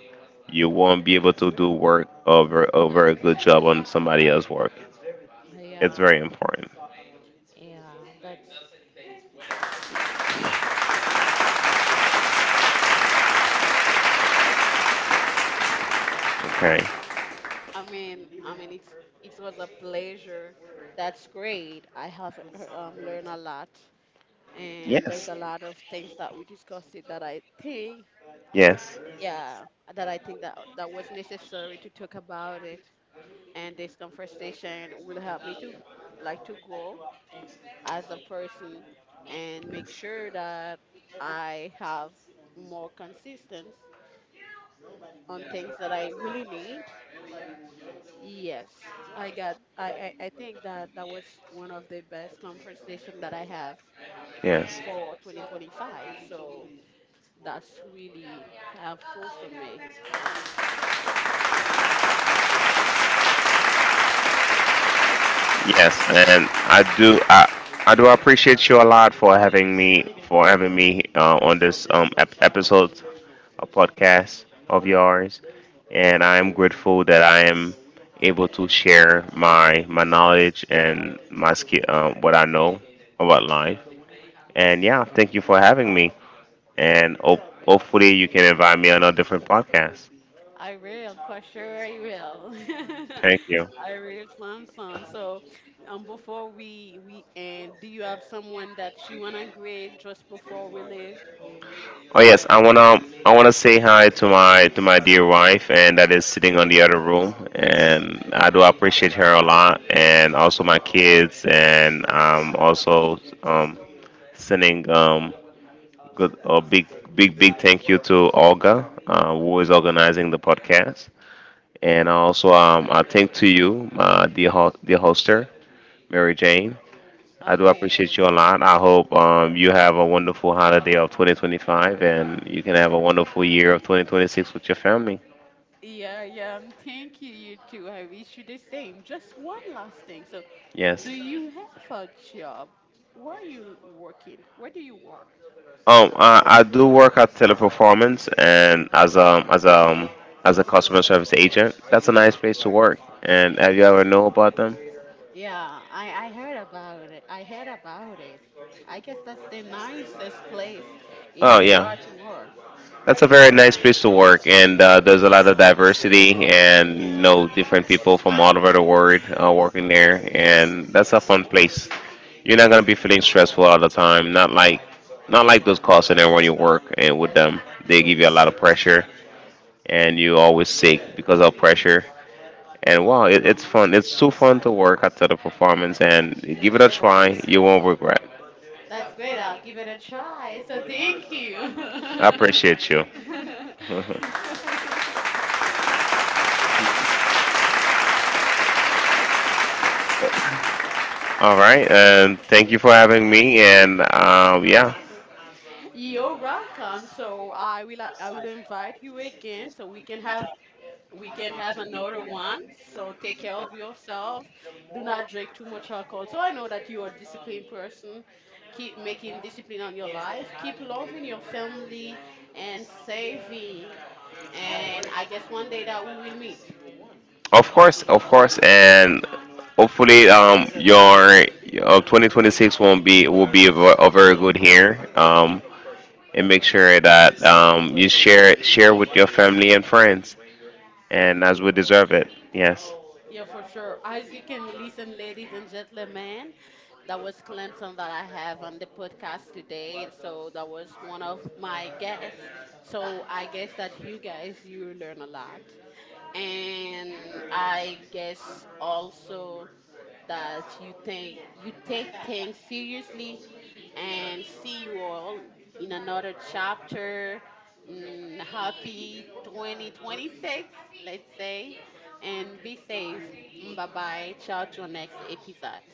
A: you won't be able to do work over, over a good job on somebody else's work. It's
B: Yeah.
A: very important.
B: Yeah, that's,
A: Okay.
B: I mean it's, it was a pleasure. That's great. I have learned a lot, and there's
A: Yes.
B: a lot of things that we discussed it that I think,
A: Yes.
B: yeah, that I think that that was necessary to talk about it, and this conversation will help me to like to grow as a person and make sure that I have more consistency on things that I really need. Yes, I got. I think that that was one of the best conversation that I have
A: Yes.
B: for 2025. So that's really helpful for me.
A: Yes, and I do I do appreciate you a lot for having me, for having me on this episode of podcast of yours. And I am grateful that I am able to share my, my knowledge and my skill, what I know about life. And yeah, thank you for having me, and hopefully you can invite me on a different podcast.
B: I will
A: For
B: for
A: sure,
B: sure.
A: I
B: I will.
A: will. Thank you.
B: I will, Samson. So, before we end, do you have someone that you wanna grade just before we leave?
A: Oh yes, I wanna, I wanna say hi to my, to my dear wife, and that is sitting on the other room, and I do appreciate her a lot, and also my kids, and also sending good, a big, big thank you to Olga, who is organizing the podcast. And also I thank to you, my dear dear hoster, Mary Jane. I do
B: Okay.
A: appreciate you a lot. I hope you have a wonderful holiday of 2025 and you can have a wonderful year of 2026 with your family.
B: Yeah, yeah. Thank you, you too. I wish you the same. Just one last thing. So,
A: Yes.
B: do you have a job? Where are you working? Where do you work?
A: I do work at Teleperformance, and as a, as a as a customer service agent. That's a nice place to work. And have you ever know about them?
B: Yeah, I heard about it. I heard about it. I guess that's the nicest place in
A: Oh
B: the
A: yeah, work.
B: art to work.
A: That's a very nice place to work, and there's a lot of diversity, and you know different people from all over the world working there, and
B: Mm,
A: that's a fun place. You're not gonna be feeling stressful all the time. Not like, not like those calls in there when you work and with them, they give you a lot of pressure, and you always sick because of pressure. And wow, it, it's fun. It's too fun to work after the performance, and give it a try. You won't regret.
B: that's great. I'll give it a try. So thank you.
A: I appreciate you. All right, and thank you for having me. And yeah,
B: You're welcome. So I will invite you again so we can have another one. So take care of yourself. Do not drink too much alcohol. So I know that you are a disciplined person. Keep making discipline on your life. Keep loving your family and saving. And I guess one day that we will meet.
A: of course, and hopefully, your 2026 won't be will be a, a very good year. And make sure that you share it, share with your family and friends, and as
B: Yeah,
A: we deserve it. Yes.
B: yeah, for sure. As you can listen, ladies and gentlemen, that was Clemson that I have on the podcast today. So that was one of my guests. So I guess that you guys you learn a lot, and I guess also that you think you take things seriously, and see you all in another chapter. Mm, happy 2026, let's say, and be safe. Bye bye. Ciao to our next episode.